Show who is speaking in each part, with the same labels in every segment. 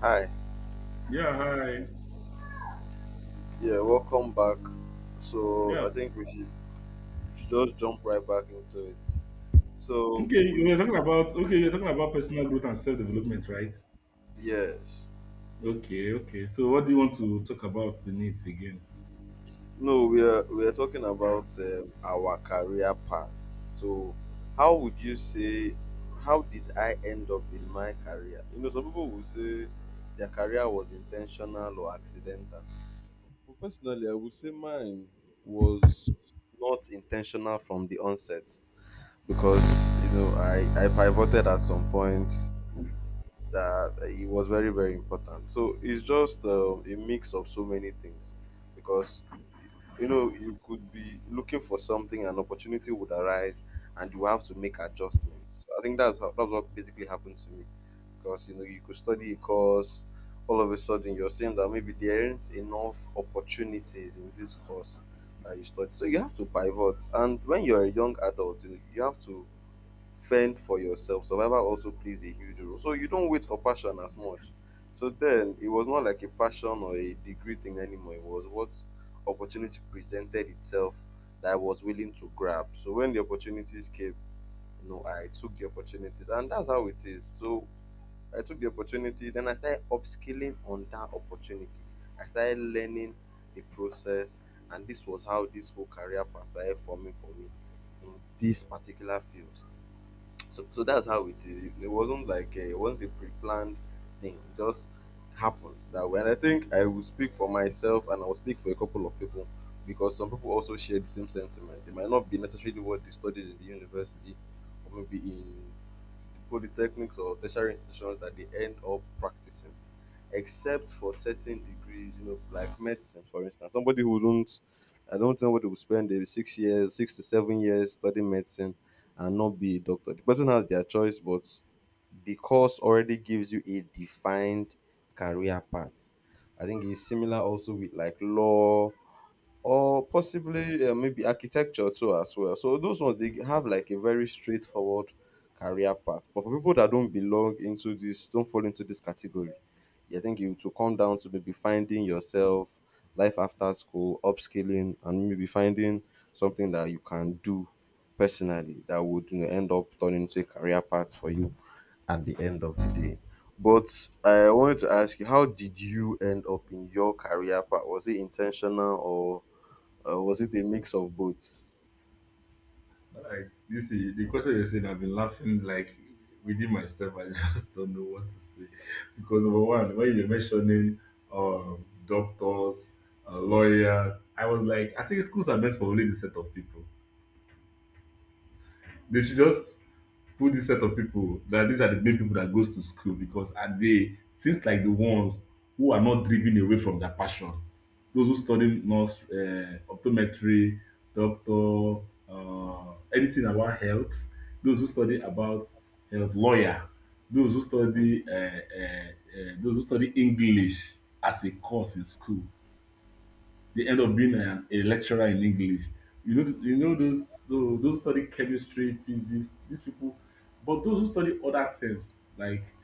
Speaker 1: Hi,
Speaker 2: Yeah, hi.
Speaker 1: yeah, welcome back. So
Speaker 2: Yeah.
Speaker 1: I think we should just jump right back into it. So
Speaker 2: Okay,
Speaker 1: we've
Speaker 2: you're talking about personal growth and self-development, right?
Speaker 1: yes,
Speaker 2: Okay, okay. So what do you want to talk about in it again?
Speaker 1: no, we are talking about our career paths. So how would you say? How did I end up in my career? You know, some people will say their career was intentional or accidental, but personally, I would say mine was not intentional from the onset. Because you know I pivoted at some point that it was very very important. So it's just a mix of so many things because you know you could be looking for something, an opportunity would arise and you have to make adjustments. So I think that's how, that's what basically happened to me because you know you could study a course, all of a sudden you're saying that maybe there aren't enough opportunities in this course that you study, so you have to pivot. And when you're a young adult, you know, you have to fend for yourself. Survival also plays a huge role. So you don't wait for passion as much. So then it was not like a passion or a degree thing anymore. It was what opportunity presented itself that I was willing to grab. So when the opportunities came, you know, I took the opportunities and that's how it is. So I took the opportunity, then I started upskilling on that opportunity. I started learning the process, and this was how this whole career path started forming for me in this particular field. So that's how it is. It wasn't a pre-planned thing. It just happened that way. And I think I will speak for myself, and I will speak for a couple of people because some people also share the same sentiment. It might not be necessarily what they studied in the university, or maybe in the polytechnics or tertiary institutions, that they end up practicing, except for certain degrees, you know, like medicine, for instance. Somebody who don't, I don't know what they will spend the 6 to 7 years studying medicine and not be a doctor. The person has their choice, but the course already gives you a defined career path. I think it's similar also with like law, or possibly maybe architecture too as well. So those ones they have like a very straightforward career path. But for people that don't belong into this, don't fall into this category, I think it will come down to maybe finding yourself, life after school, upskilling, and maybe finding something that you can do personally that would, you know, end up turning into a career path for you at the end of the day. But I wanted to ask you, how did you end up in your career path? Was it intentional, or was it a mix of both?
Speaker 2: Like this, the question you said, I've been laughing like within myself. I just don't know what to say, because number one, when you're mentioning doctors, lawyers, I was like, I think schools are meant for only this set of people. They should just put this set of people, that these are the main people that goes to school, because and they seems like the ones who are not driven away from their passion. Those who study nurse, optometry, doctor, anything about health, those who study about health, lawyer, those who study English as a course in school, they end up being a lecturer in English. You know, those study chemistry, physics, these people. But those who study other things like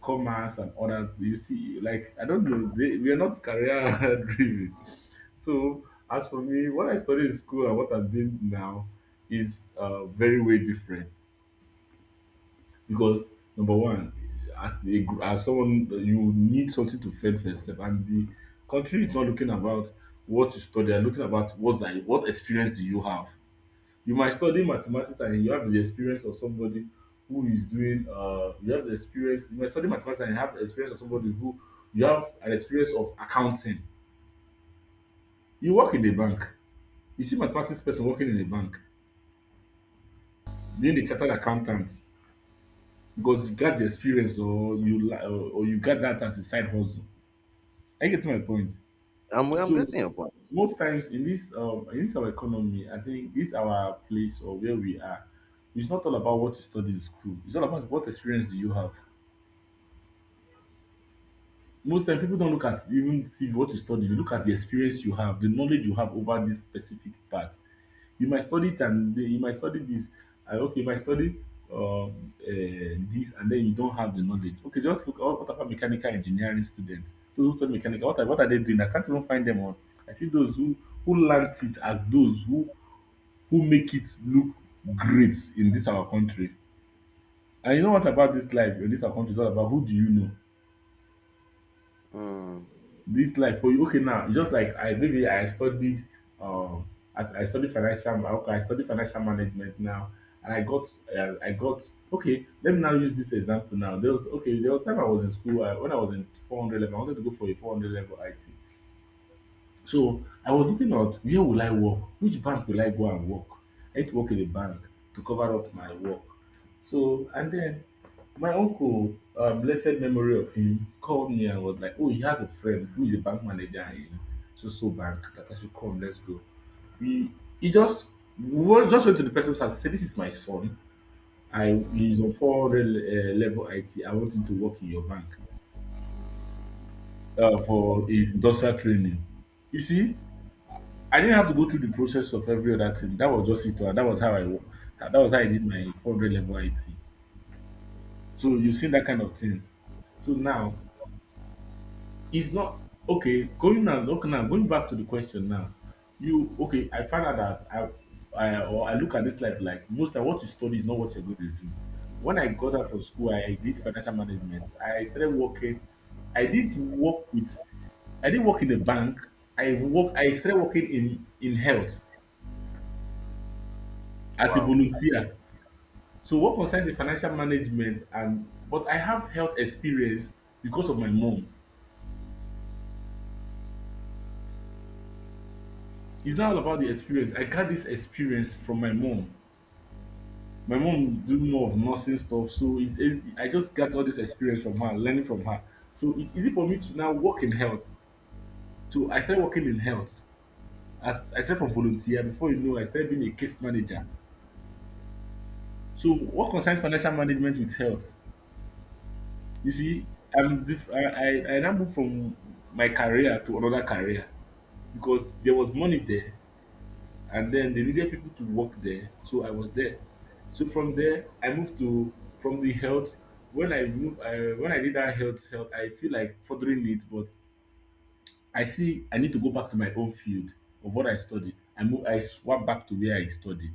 Speaker 2: commerce and other, you see, like I don't know, they we are not career driven. So as for me, what I studied in school and what I'm doing now is very way different, because number one, as someone you need something to fend for yourself, and the country is not looking about what you study, they are looking about what experience do you have. You might study mathematics and you have the experience of somebody who is doing uh, you have the experience. You might study mathematics and you have the experience of somebody who, you have an experience of accounting, you work in a bank. You see mathematics person working in a bank, being a chartered accountant, because you got the experience, or you got that as a side hustle. I get to my point.
Speaker 1: I'm
Speaker 2: So
Speaker 1: getting your point.
Speaker 2: most times in this our economy, I think this our place or where we are, it's not all about what you study in school. It's all about what experience do you have. Most times people don't look at even see what you study, they look at the experience you have, the knowledge you have over this specific part. You might study it and then you might study this, and okay, you might study this, and then you don't have the knowledge. Okay, just look, oh, what about mechanical engineering students, those who study mechanical, what are they doing? I can't even find them on. I see those who learnt it, as those who make it look great in this our country. And you know what about this life in this our country, is all about who do you know.
Speaker 1: Mm.
Speaker 2: This life for you. Okay, now, just like I maybe I studied, um I studied financial ma- okay I studied financial management now, and I got okay let me now use this example. Now there was okay There was time I was in school, when I was in 400 level, I wanted to go for a 400 level it so I was looking at where will I work, which bank will I go and work. I need to work in a bank to cover up my work. So, and then my uncle, blessed memory of him, called me and was like, "Oh, he has a friend who is a bank manager in so so bank, that I should come. Let's go." He he just just went to the person's house. He said, "This is my son. I He's on 400 level IT. I want him to work in your bank for his industrial training." You see, I didn't have to go through the process of every other thing. That was just it. And That was how I wo- That was how I did my 400 level IT. So you've seen that kind of things. So now, it's not okay. Going back to the question now. You okay? I found out that I look at this life like most of what you study is not what you're going to do. When I got out from school, I did financial management. I started working. I did work with. I didn't work in a bank. I work. I started working in health as a
Speaker 1: Wow.
Speaker 2: volunteer. So what concerns the financial management, and but I have health experience because of my mom. It's not all about the experience. I got this experience from my mom. My mom do more of nursing stuff, so it's easy. I just got all this experience from her, learning from her. So it's easy for me to now work in health. So I started working in health. As I started from volunteer, before you know, I started being a case manager. So what concerns financial management with health? You see, I'm diff- I now move from my career to another career, because there was money there and then they needed people to work there, so I was there. So from there I moved to, from the health, when when I did that health I feel like furthering it, but I see I need to go back to my own field, of what I studied. I swapped back to where I studied,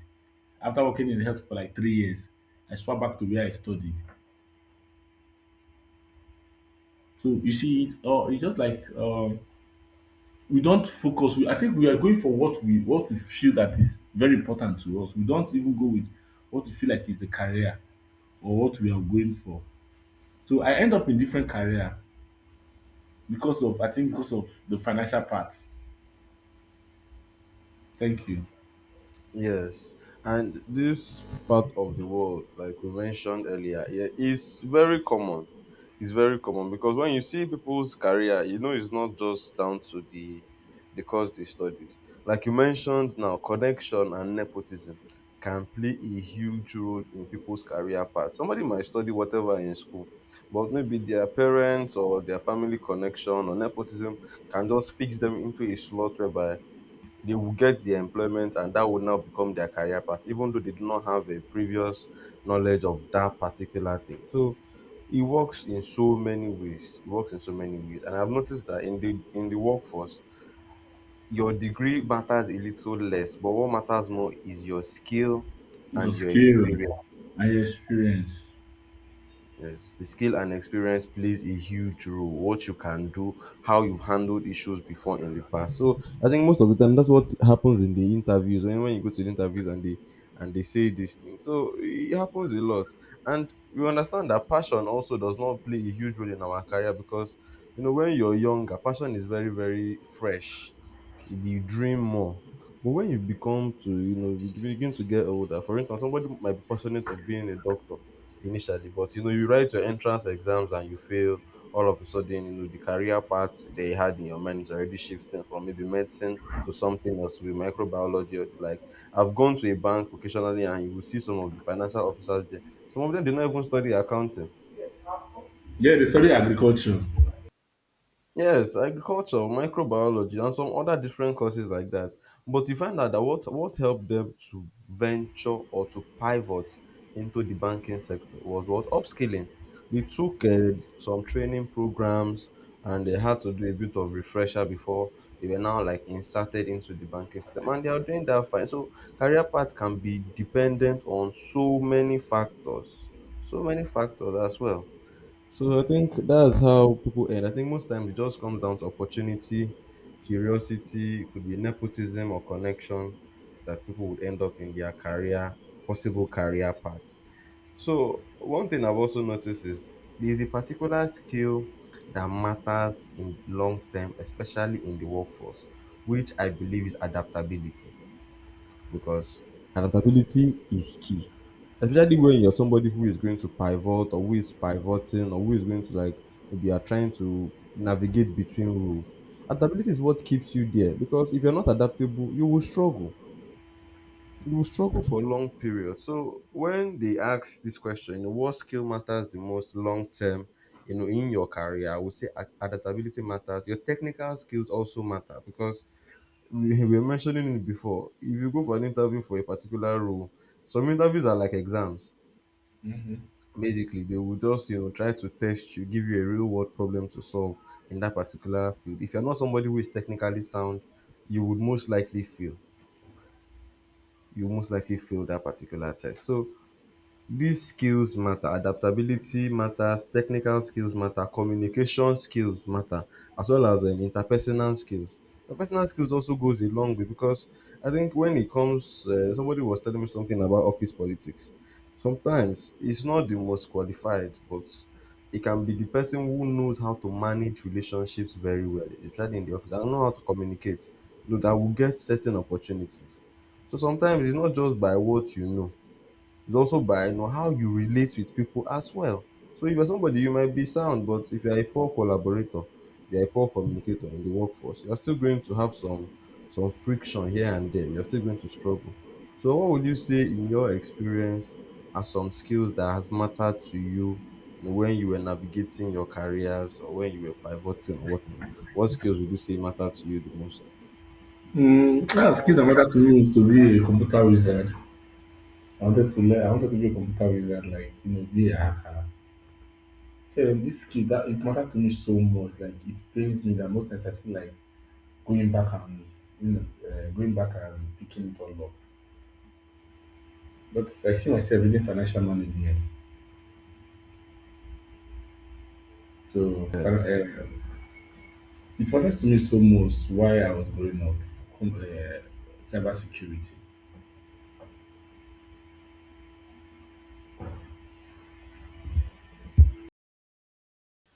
Speaker 2: after working in health for like 3 years. I swapped back to where I studied. So you see it, or it's just like we don't focus. I think we are going for what we feel that is very important to us, we don't even go with what we feel like is the career, or what we are going for. So I end up in different career, because of, the financial part. Thank you.
Speaker 1: Yes, and this part of the world, like we mentioned earlier, yeah, is very common. It's very common because when you see people's career, you know it's not just down to the course they studied. Like you mentioned now, connection and nepotism can play a huge role in people's career path. Somebody might study whatever in school, but maybe their parents or their family connection or nepotism can just fix them into a slot whereby they will get the employment and that will now become their career path, even though they do not have a previous knowledge of that particular thing. So it works in so many ways. It works in so many ways. And I've noticed that in the workforce, your degree matters a little less, but what matters more is your skill
Speaker 2: Your
Speaker 1: and your
Speaker 2: skill
Speaker 1: experience.
Speaker 2: and your experience.
Speaker 1: Yes, the skill and experience plays a huge role. What you can do, how you've handled issues before in the past. So I think most of the time that's what happens in the interviews. When you go to the interviews and they say these things, so it happens a lot. And we understand that passion also does not play a huge role in our career because you know when you're younger, passion is very very fresh, you dream more. But when you become to, you know, you begin to get older, for instance, somebody might be passionate of being a doctor initially, but you know, you write your entrance exams and you fail, all of a sudden, you know, the career path that you had in your mind is already shifting from maybe medicine to something else with microbiology or the like. I've gone to a bank occasionally and you will see some of the financial officers there. Some of them did not even study accounting.
Speaker 2: Yeah, they study agriculture.
Speaker 1: Yes, agriculture, microbiology, and some other different courses like that. But you find out that what helped them to venture or to pivot into the banking sector was what, upskilling. They took some training programs and they had to do a bit of refresher before they were now like inserted into the banking system, and they are doing that fine. So career path can be dependent on so many factors as well. So I think that's how people end. I think most times it just comes down to opportunity, curiosity, it could be nepotism or connection that people would end up in their career, possible career paths. So one thing I've also noticed is there's a particular skill that matters in long term, especially in the workforce, which I believe is adaptability, because adaptability is key, especially when you're somebody who is going to pivot, or who is pivoting, or who is going to like maybe are trying to navigate between roles. Adaptability is what keeps you there because if you're not adaptable, you will struggle. You will struggle for long periods. So when they ask this question, you know, what skill matters the most long term, you know, in your career, I would say adaptability matters. Your technical skills also matter because we were mentioning it before, if you go for an interview for a particular role, some interviews are like exams,
Speaker 2: Hmm.
Speaker 1: basically they will just, you know, try to test you, give you a real world problem to solve in that particular field. If you're not somebody who is technically sound, you would most likely fail, you most likely fail that particular test. So these skills matter, adaptability matters, technical skills matter, communication skills matter, as well as interpersonal skills. Interpersonal skills also goes a long way because I think when it comes, somebody was telling me something about office politics. Sometimes it's not the most qualified, but it can be the person who knows how to manage relationships very well, especially in the office, and know how to communicate. You know that will get certain opportunities. So sometimes it's not just by what you know, it's also by, you know, how you relate with people as well. So if you're somebody, you might be sound, but if you're a poor collaborator, you're a poor communicator in the workforce, you're still going to have some friction here and there. You're still going to struggle. So what would you say in your experience are some skills that has mattered to you, you know, when you were navigating your careers or when you were pivoting or whatnot? What skills would you say matter to you the most?
Speaker 2: Mm. Skill that matter to me is to be a computer wizard. I wanted to learn. I wanted to be a computer wizard, like you know, be a hacker. So this skill that it mattered to me so much. Like, it pains me that most times I feel like going back and going back and picking it all up. But I see myself reading financial management. So, it matters to me so much, why I was growing up, com- uh, cybersecurity.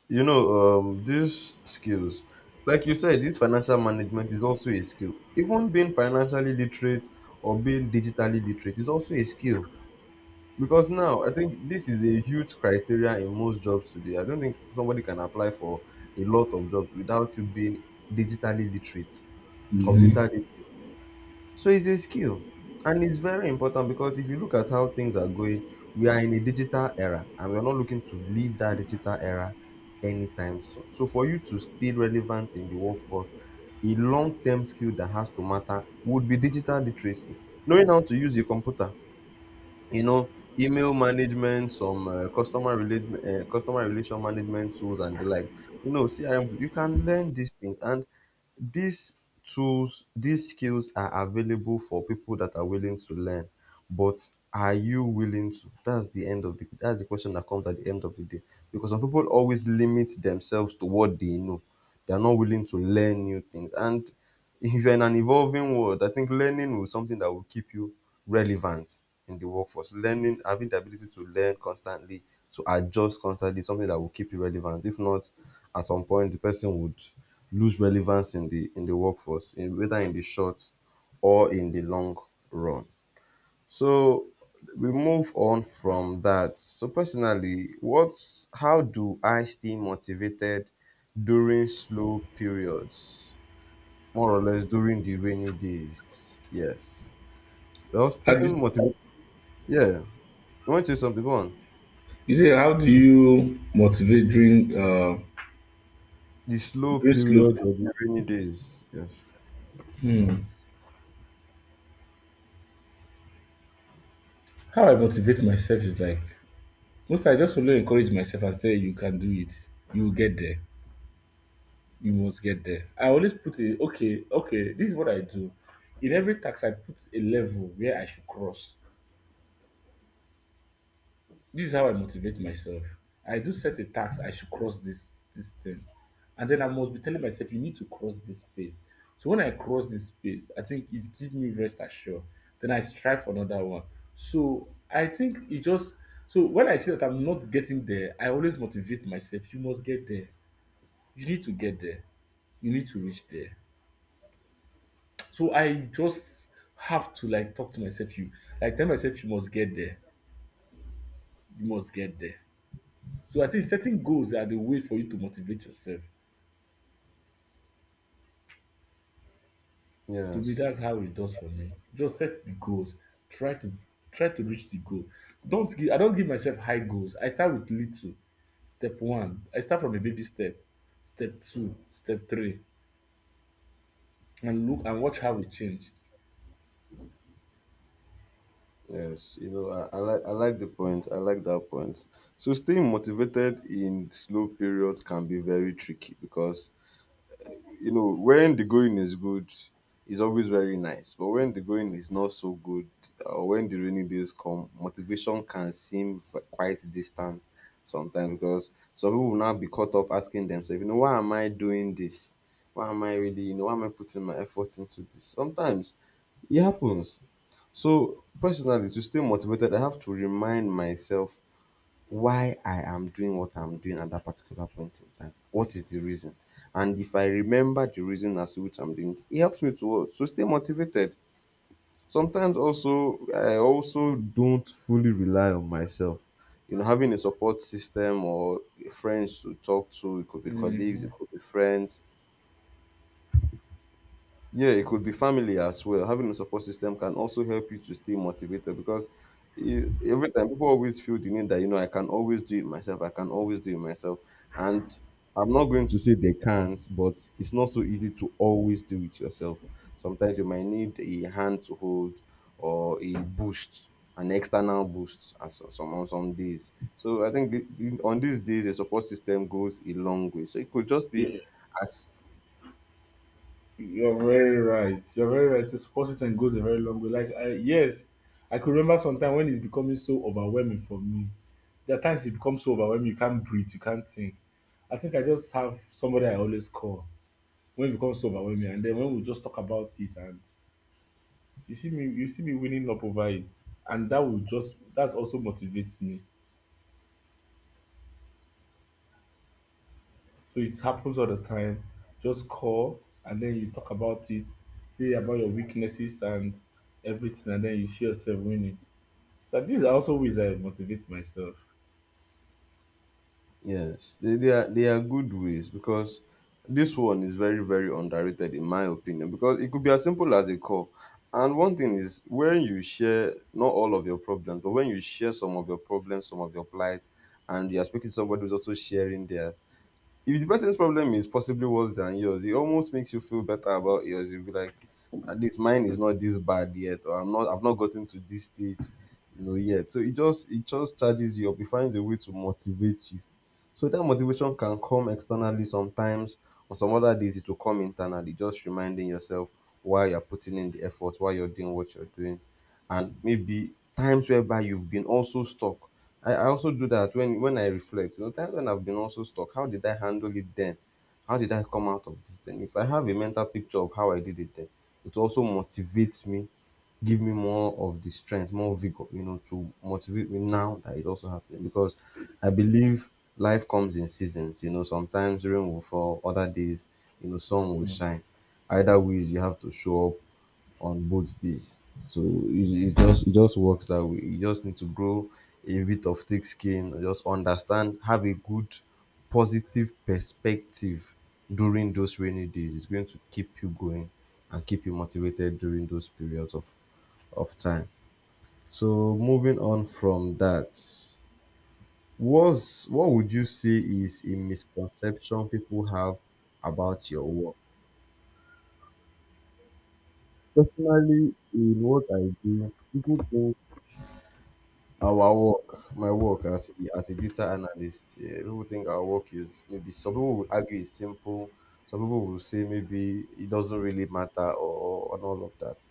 Speaker 1: You know, these skills, like you said, this financial management is also a skill, even being financially literate or being digitally literate is also a skill, because now I think this is a huge criteria in most jobs today. I don't think somebody can apply for a lot of jobs without you being digitally literate,
Speaker 2: Hmm.
Speaker 1: computer literate. So it's a skill, and it's very important because if you look at how things are going, we are in a digital era and we're not looking to leave that digital era anytime soon. So for you to stay relevant in the workforce, a long term skill that has to matter would be digital literacy, knowing how to use a computer, you know, email management, some customer relation management tools and the like, you know, CRM you can learn these things, and these tools, these skills are available for people that are willing to learn. But are you willing to, that's the question that comes at the end of the day. Because some people always limit themselves to what they know, they're not willing to learn new things. And if you're in an evolving world, I think learning will something that will keep you relevant in the workforce. Learning, having the ability to learn constantly, to adjust constantly, is something that will keep you relevant. If not, at some point, the person would lose relevance in the workforce, whether in the short or in the long run. So we move on from that. So personally, what's how do I stay motivated during slow periods? More or less during the rainy days. Yes. Well,
Speaker 2: How do you,
Speaker 1: staying motivated. Yeah. You want to say something? Go on.
Speaker 2: you say, how do you motivate during
Speaker 1: The slow
Speaker 2: during slow?
Speaker 1: period of the rainy days. Yes.
Speaker 2: How I motivate myself is like, most I just only encourage myself and say, you can do it. You will get there. You must get there. I always put a okay, okay, this is what I do. In every tax, I put a level where I should cross. This is how I motivate myself. I do set a task. I should cross this thing. And then I must be telling myself, you need to cross this space. So when I cross this space, I think it gives me rest assured. Then I strive for another one. So I think it just So when I see that I'm not getting there, I always motivate myself. You must get there. You need to get there. You need to reach there. So I just have to like talk to myself, you like tell myself, you must get there, you must get there. So I think setting goals are the way for you to motivate yourself. To me,
Speaker 1: Yes.
Speaker 2: that's how it does for me. Just set the goals. Try to try to reach the goal. Don't give I don't give myself high goals. I start with little. Step one. I start from a baby step. Step two. Step three. And look and watch how it changed.
Speaker 1: Yes. You know, I like I like the point. I like that point. So staying motivated in slow periods can be very tricky because you know, when the going is good, it's always very nice. But when the going is not so good, or when the rainy days come, motivation can seem quite distant sometimes because some people will now be caught up asking themselves, you know, why am I doing this? Why am I really, why am I putting my effort into this? Sometimes it happens. So personally, to stay motivated, I have to remind myself why I am doing what I'm doing at that particular point in time. What is the reason? And if I remember the reason as to which I'm doing it, it helps me to stay motivated. Sometimes also I also don't fully rely on myself. You know, having a support system or friends to talk to, it could be colleagues, it
Speaker 2: Mhm.
Speaker 1: could be friends, yeah, it could be family as well. Having a support system can also help you to stay motivated because you, every time people always feel the need that, you know, I can always do it myself. I can always do it myself. And I'm not going to say they can't, but it's not so easy to always do it yourself. Sometimes you might need a hand to hold or a boost, an external boost as on some days. So I think on these days, a support system goes a long way. So it could just be as.
Speaker 2: You're very right. You're very right. It's persistent, goes a very long way. Like I Yes, I could remember sometime when it's becoming so overwhelming for me. There are times it becomes so overwhelming you can't breathe, you can't think. I think I just have somebody I always call when it becomes so overwhelming, and then when we just talk about it, and you see me winning up over it, and that will just that also motivates me. So it happens all the time. Just call, and then you talk about it, say about your weaknesses and everything, and then you see yourself winning. So these are also ways I motivate myself.
Speaker 1: Yes, they are they are good ways because this one is very very underrated in my opinion because it could be as simple as a call. And one thing is when you share not all of your problems, but when you share some of your problems, some of your plight, and you are speaking to somebody who's also sharing theirs, if the person's problem is possibly worse than yours, it almost makes you feel better about yours. You'll be like, at least mine is not this bad yet, or I've not gotten to this stage, you know, yet. So it just charges you up. It finds a way to motivate you. So that motivation can come externally sometimes. On some other days, it will come internally, just reminding yourself why you're putting in the effort, why you're doing what you're doing and maybe times whereby you've been also stuck. I also do that when I reflect. You know, times when I've been also stuck, how did I handle it then? How did I come out of this thing? If I have a mental picture of how I did it then, it also motivates me, give me more of the strength, more vigor, you know, to motivate me now that it also happened. Because I believe life comes in seasons, you know, sometimes rain will fall, other days, you know, sun will
Speaker 2: Mm.
Speaker 1: shine. Either ways you have to show up on both days. So it just works that way. You just need to grow a bit of thick skin, just understand, have a good positive perspective during those rainy days. It's going to keep you going and keep you motivated during those periods of time. So moving on from that, was what would you say is a misconception people have about your work? Personally, in what I do, people think our work, my work as as a data analyst, yeah, people think our work is maybe some people will argue it's simple, some people will say maybe it doesn't really matter and all of that.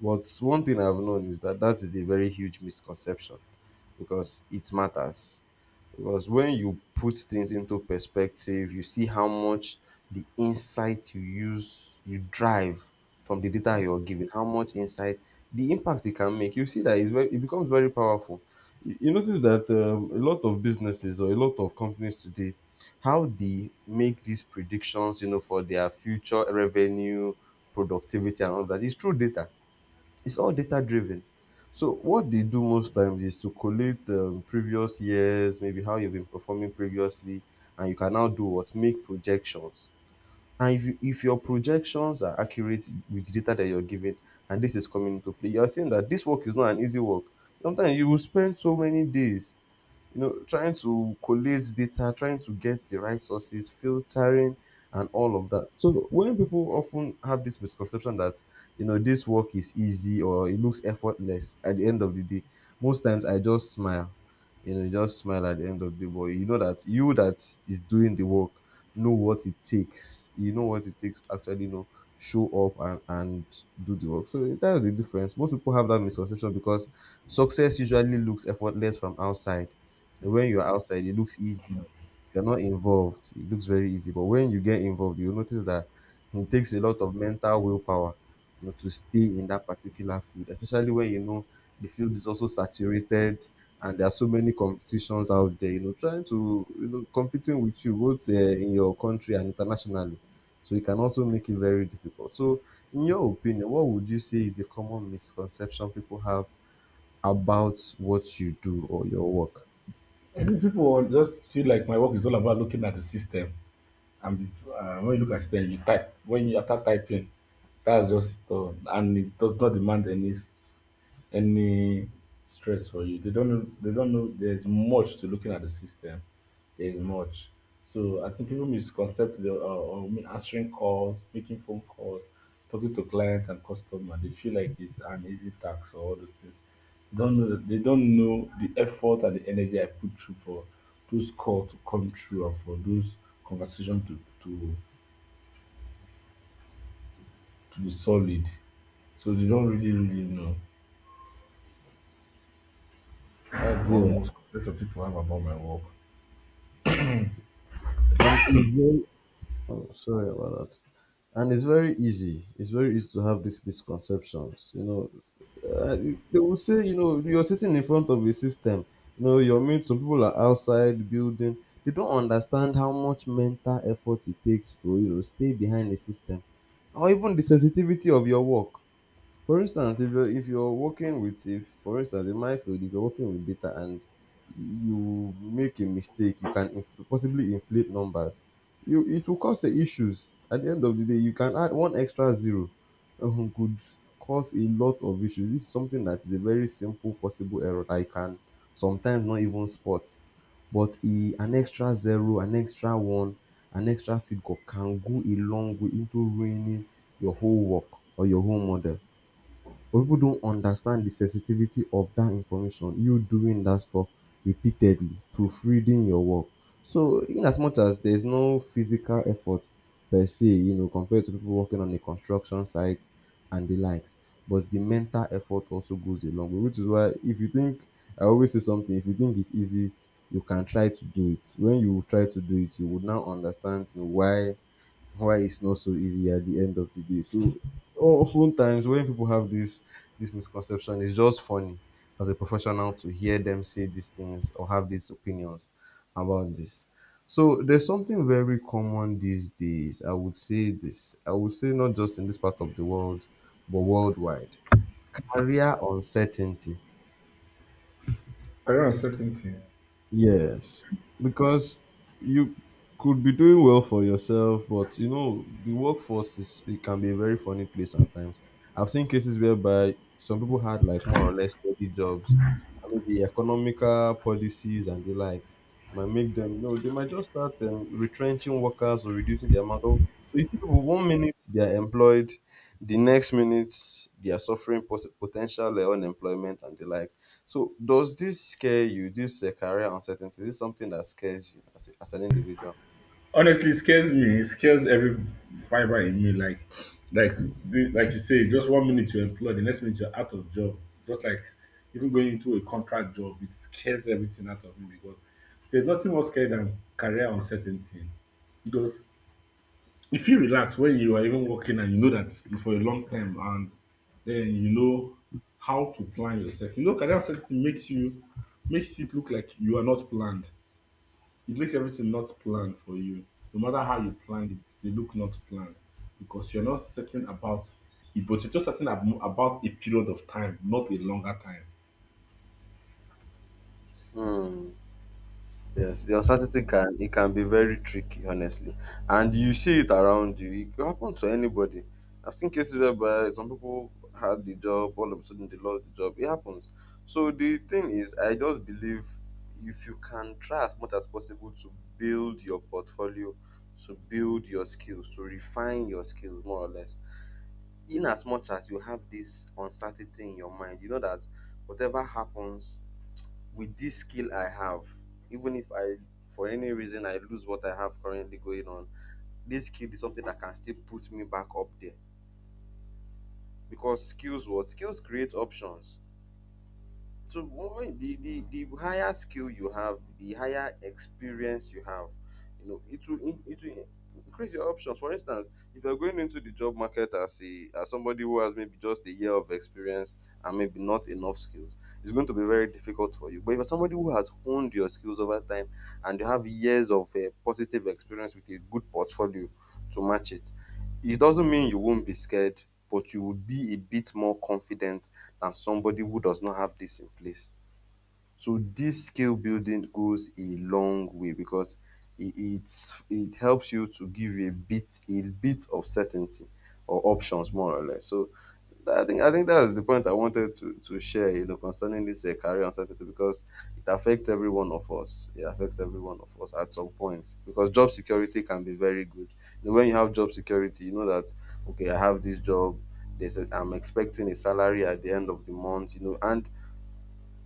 Speaker 1: But one thing I've known is that is a very huge misconception because it matters. Because when you put things into perspective, you see how much the insight you use, you drive from the data you're given, how much insight, the impact it can make. You see that it's very, it becomes very powerful. You notice that a lot of businesses or a lot of companies today, how they make these predictions, you know, for their future revenue, productivity, and all that is through data, it's all data driven. So what they do most times is to collate previous years, maybe how you've been performing previously, and you can now do what make projections. And if your projections are accurate with the data that you're given, and this is coming into play, you're saying that this work is not an easy work. Sometimes you will spend so many days, you know, trying to collate data, trying to get the right sources, filtering, and all of that. So when people often have this misconception that, you know, this work is easy or it looks effortless at the end of the day, most times I just smile. You know, you just smile at the end of the day, but you know that you that is doing the work know what it takes, you know what it takes to actually, you know, show up and do the work. So that's the difference. Most people have that misconception because success usually looks effortless from outside, and when you're outside it looks easy. If you're not involved, it looks very easy. But when you get involved, you'll notice that it takes a lot of mental willpower, you know, to stay in that particular field, especially when you know the field is also saturated and there are so many competitions out there, you know, trying to, you know, competing with you both in your country and internationally. So it can also make it very difficult. So, in your opinion, what would you say is the common misconception people have about what you do or your work?
Speaker 2: I think people will just feel like my work is all about looking at the system, and when you look at system, you type. When you after typing, that's just it all, and it does not demand any stress for you. They don't know. They don't know. There's much to looking at the system. There's much. So I think people misconcept the or me answering calls, making phone calls, talking to clients and customers. They feel like it's an easy task or all those things. Don't know they don't know the effort and the energy I put through, for those calls to come through and for those conversations to to be solid. So they don't really really know. That's
Speaker 1: Yeah,
Speaker 2: one most concept of people have about my work.
Speaker 1: and it's very. Oh, sorry about that. And it's very easy. It's very easy to have these misconceptions. You know, uh, they will say, you know, you're sitting in front of a system. You know, your mates, some people are outside the building. They don't understand how much mental effort it takes to, you know, stay behind the system, or even the sensitivity of your work. For instance, if you're working with, if for instance in my field, if you're working with data and you make a mistake, you can possibly inflate numbers. You, it will cause issues at the end of the day. You can add one extra zero, could cause a lot of issues. This is something that is a very simple possible error that you can sometimes not even spot, but e an extra zero, an extra one, an extra figure can go a long way into ruining your whole work or your whole model. But people don't understand the sensitivity of that information, you doing that stuff repeatedly, proofreading your work. So, in as much as there's no physical effort per se, you know, compared to people working on a construction site and the likes, but the mental effort also goes a long way, which is why if you think, I always say something, if you think it's easy, you can try to do it. When you try to do it, you would now understand, you know, why it's not so easy at the end of the day. So often times when people have this misconception, it's just funny as a professional to hear them say these things or have these opinions about this. So there's something very common these days. I would say this. I would say not just in this part of the world, but worldwide. Career uncertainty.
Speaker 2: Career uncertainty.
Speaker 1: Yes, because you could be doing well for yourself, but you know the workforce is, it can be a very funny place at times. I've seen cases whereby some people had like more or less steady jobs, I mean the economical policies and the likes might make them, you know, they might just start retrenching workers or reducing the amount of. So you see people one minute they are employed, the next minute they are suffering potential unemployment and the like. So does this scare you, this career uncertainty? Is this something that scares you as, as an individual?
Speaker 2: Honestly, it scares me. It scares every fiber in me. Like like you say, just one minute you're employed, the next minute you're out of job. Just like, even going into a contract job, it scares everything out of me, because there's nothing more scary than career uncertainty. Because if you relax when you are even working and you know that it's for a long time, and then you know how to plan yourself. You know, career uncertainty makes it look like you are not planned. It makes everything not planned for you. No matter how you plan it, they look not planned, because you're not certain about it, but you're just certain about a period of time, not a longer time.
Speaker 1: Hmm. Yes, the uncertainty can, it can be very tricky, honestly, and you see it around you. It can happen to anybody. I've seen cases whereby some people had the job, all of a sudden they lost the job. It happens. So the thing is, I just believe if you can try as much as possible to build your portfolio, to build your skills, to refine your skills more or less, in as much as you have this uncertainty in your mind, you know that whatever happens with this skill I have, even if I, for any reason, I lose what I have currently going on, this skill is something that can still put me back up there. Because skills, what skills create options. So when the higher skill you have, the higher experience you have, you know, it will increase your options. For instance, if you're going into the job market as a as somebody who has maybe just a year of experience and maybe not enough skills, it's going to be very difficult for you. But if you're somebody who has honed your skills over time and you have years of positive experience with a good portfolio to match it, it doesn't mean you won't be scared, but you will be a bit more confident than somebody who does not have this in place. So this skill building goes a long way because it helps you to give a bit of certainty or options more or less. So I think that's the point I wanted to share, you know, concerning this career uncertainty because it affects every one of us. It affects every one of us at some point because job security can be very good. You know, when you have job security, you know that okay, I have this job. I'm expecting a salary at the end of the month, you know, and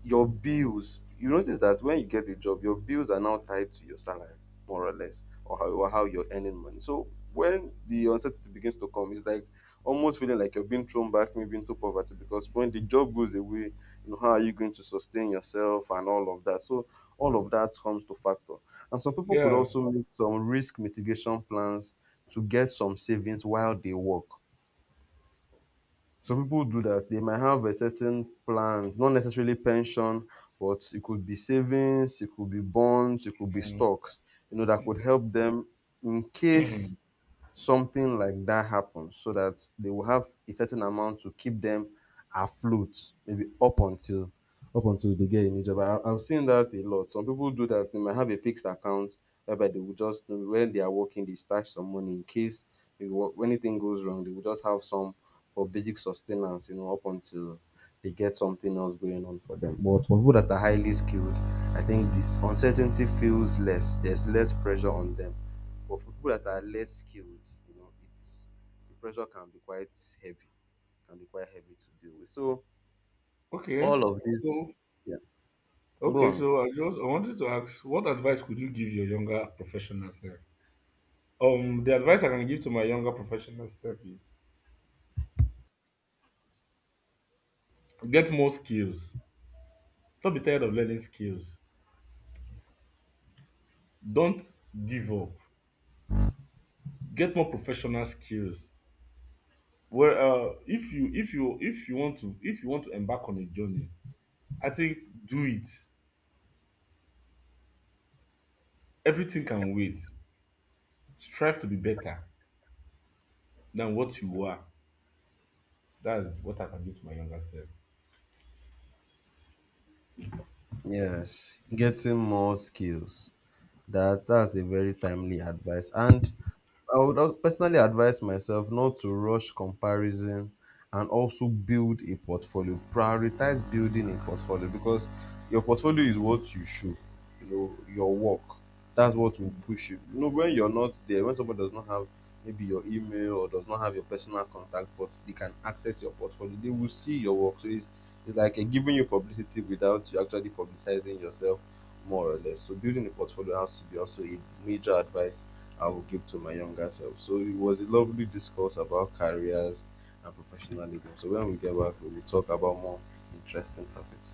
Speaker 1: your bills, you notice that when you get a job your bills are now tied to your salary more or less, or how you're earning money. So when the uncertainty begins to come, it's like almost feeling like you're being thrown back maybe into poverty, because when the job goes away, you know, how are you going to sustain yourself and all of that? So all of that comes to factor, and some people could
Speaker 2: Yeah.
Speaker 1: also make some risk mitigation plans to get some savings while they work. Some people do that. They might have a certain plans, not necessarily pension, but it could be savings, it could be bonds, it could be stocks, you know, that could help them in case something like that happens, so that they will have a certain amount to keep them afloat maybe up until they get a new job. I've seen that a lot. Some people do that. They might have a fixed account whereby they will just, when they are working, they stash some money in case if wo- when anything goes wrong, they will just have some for basic sustenance, you know, up until they get something else going on for them. But for people that are highly skilled, I think this uncertainty feels less. There's less pressure on them. But for people that are less skilled, you know, it's, the pressure can be quite heavy, can be quite heavy to deal with. So all
Speaker 2: Okay.
Speaker 1: of this,
Speaker 2: So
Speaker 1: yeah, go
Speaker 2: okay.
Speaker 1: on.
Speaker 2: So I wanted to ask, what advice could you give your younger professional self? The advice I can give to my younger professional self is, get more skills. Don't be tired of learning skills. Don't give up. Get more professional skills. Well, if you if you if you want to if you want to embark on a journey, I think, do it. Everything can wait. Strive to be better than what you are. That's what I can give to my younger self.
Speaker 1: Yes, getting more skills. That's a very timely advice, and personally advise myself not to rush comparison and also build a portfolio. Prioritize building a portfolio because your portfolio is what you show, you know, your work. That's what will push you. You know, when you're not there, when someone does not have maybe your email or does not have your personal contact, but they can access your portfolio, they will see your work. So it's like giving you publicity without you actually publicizing yourself more or less. So building a portfolio has to be also a major advice I will give to my younger self. So it was a lovely discourse about careers and professionalism. So when we get back, we will talk about more interesting topics.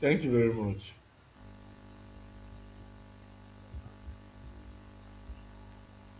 Speaker 2: Thank you very much.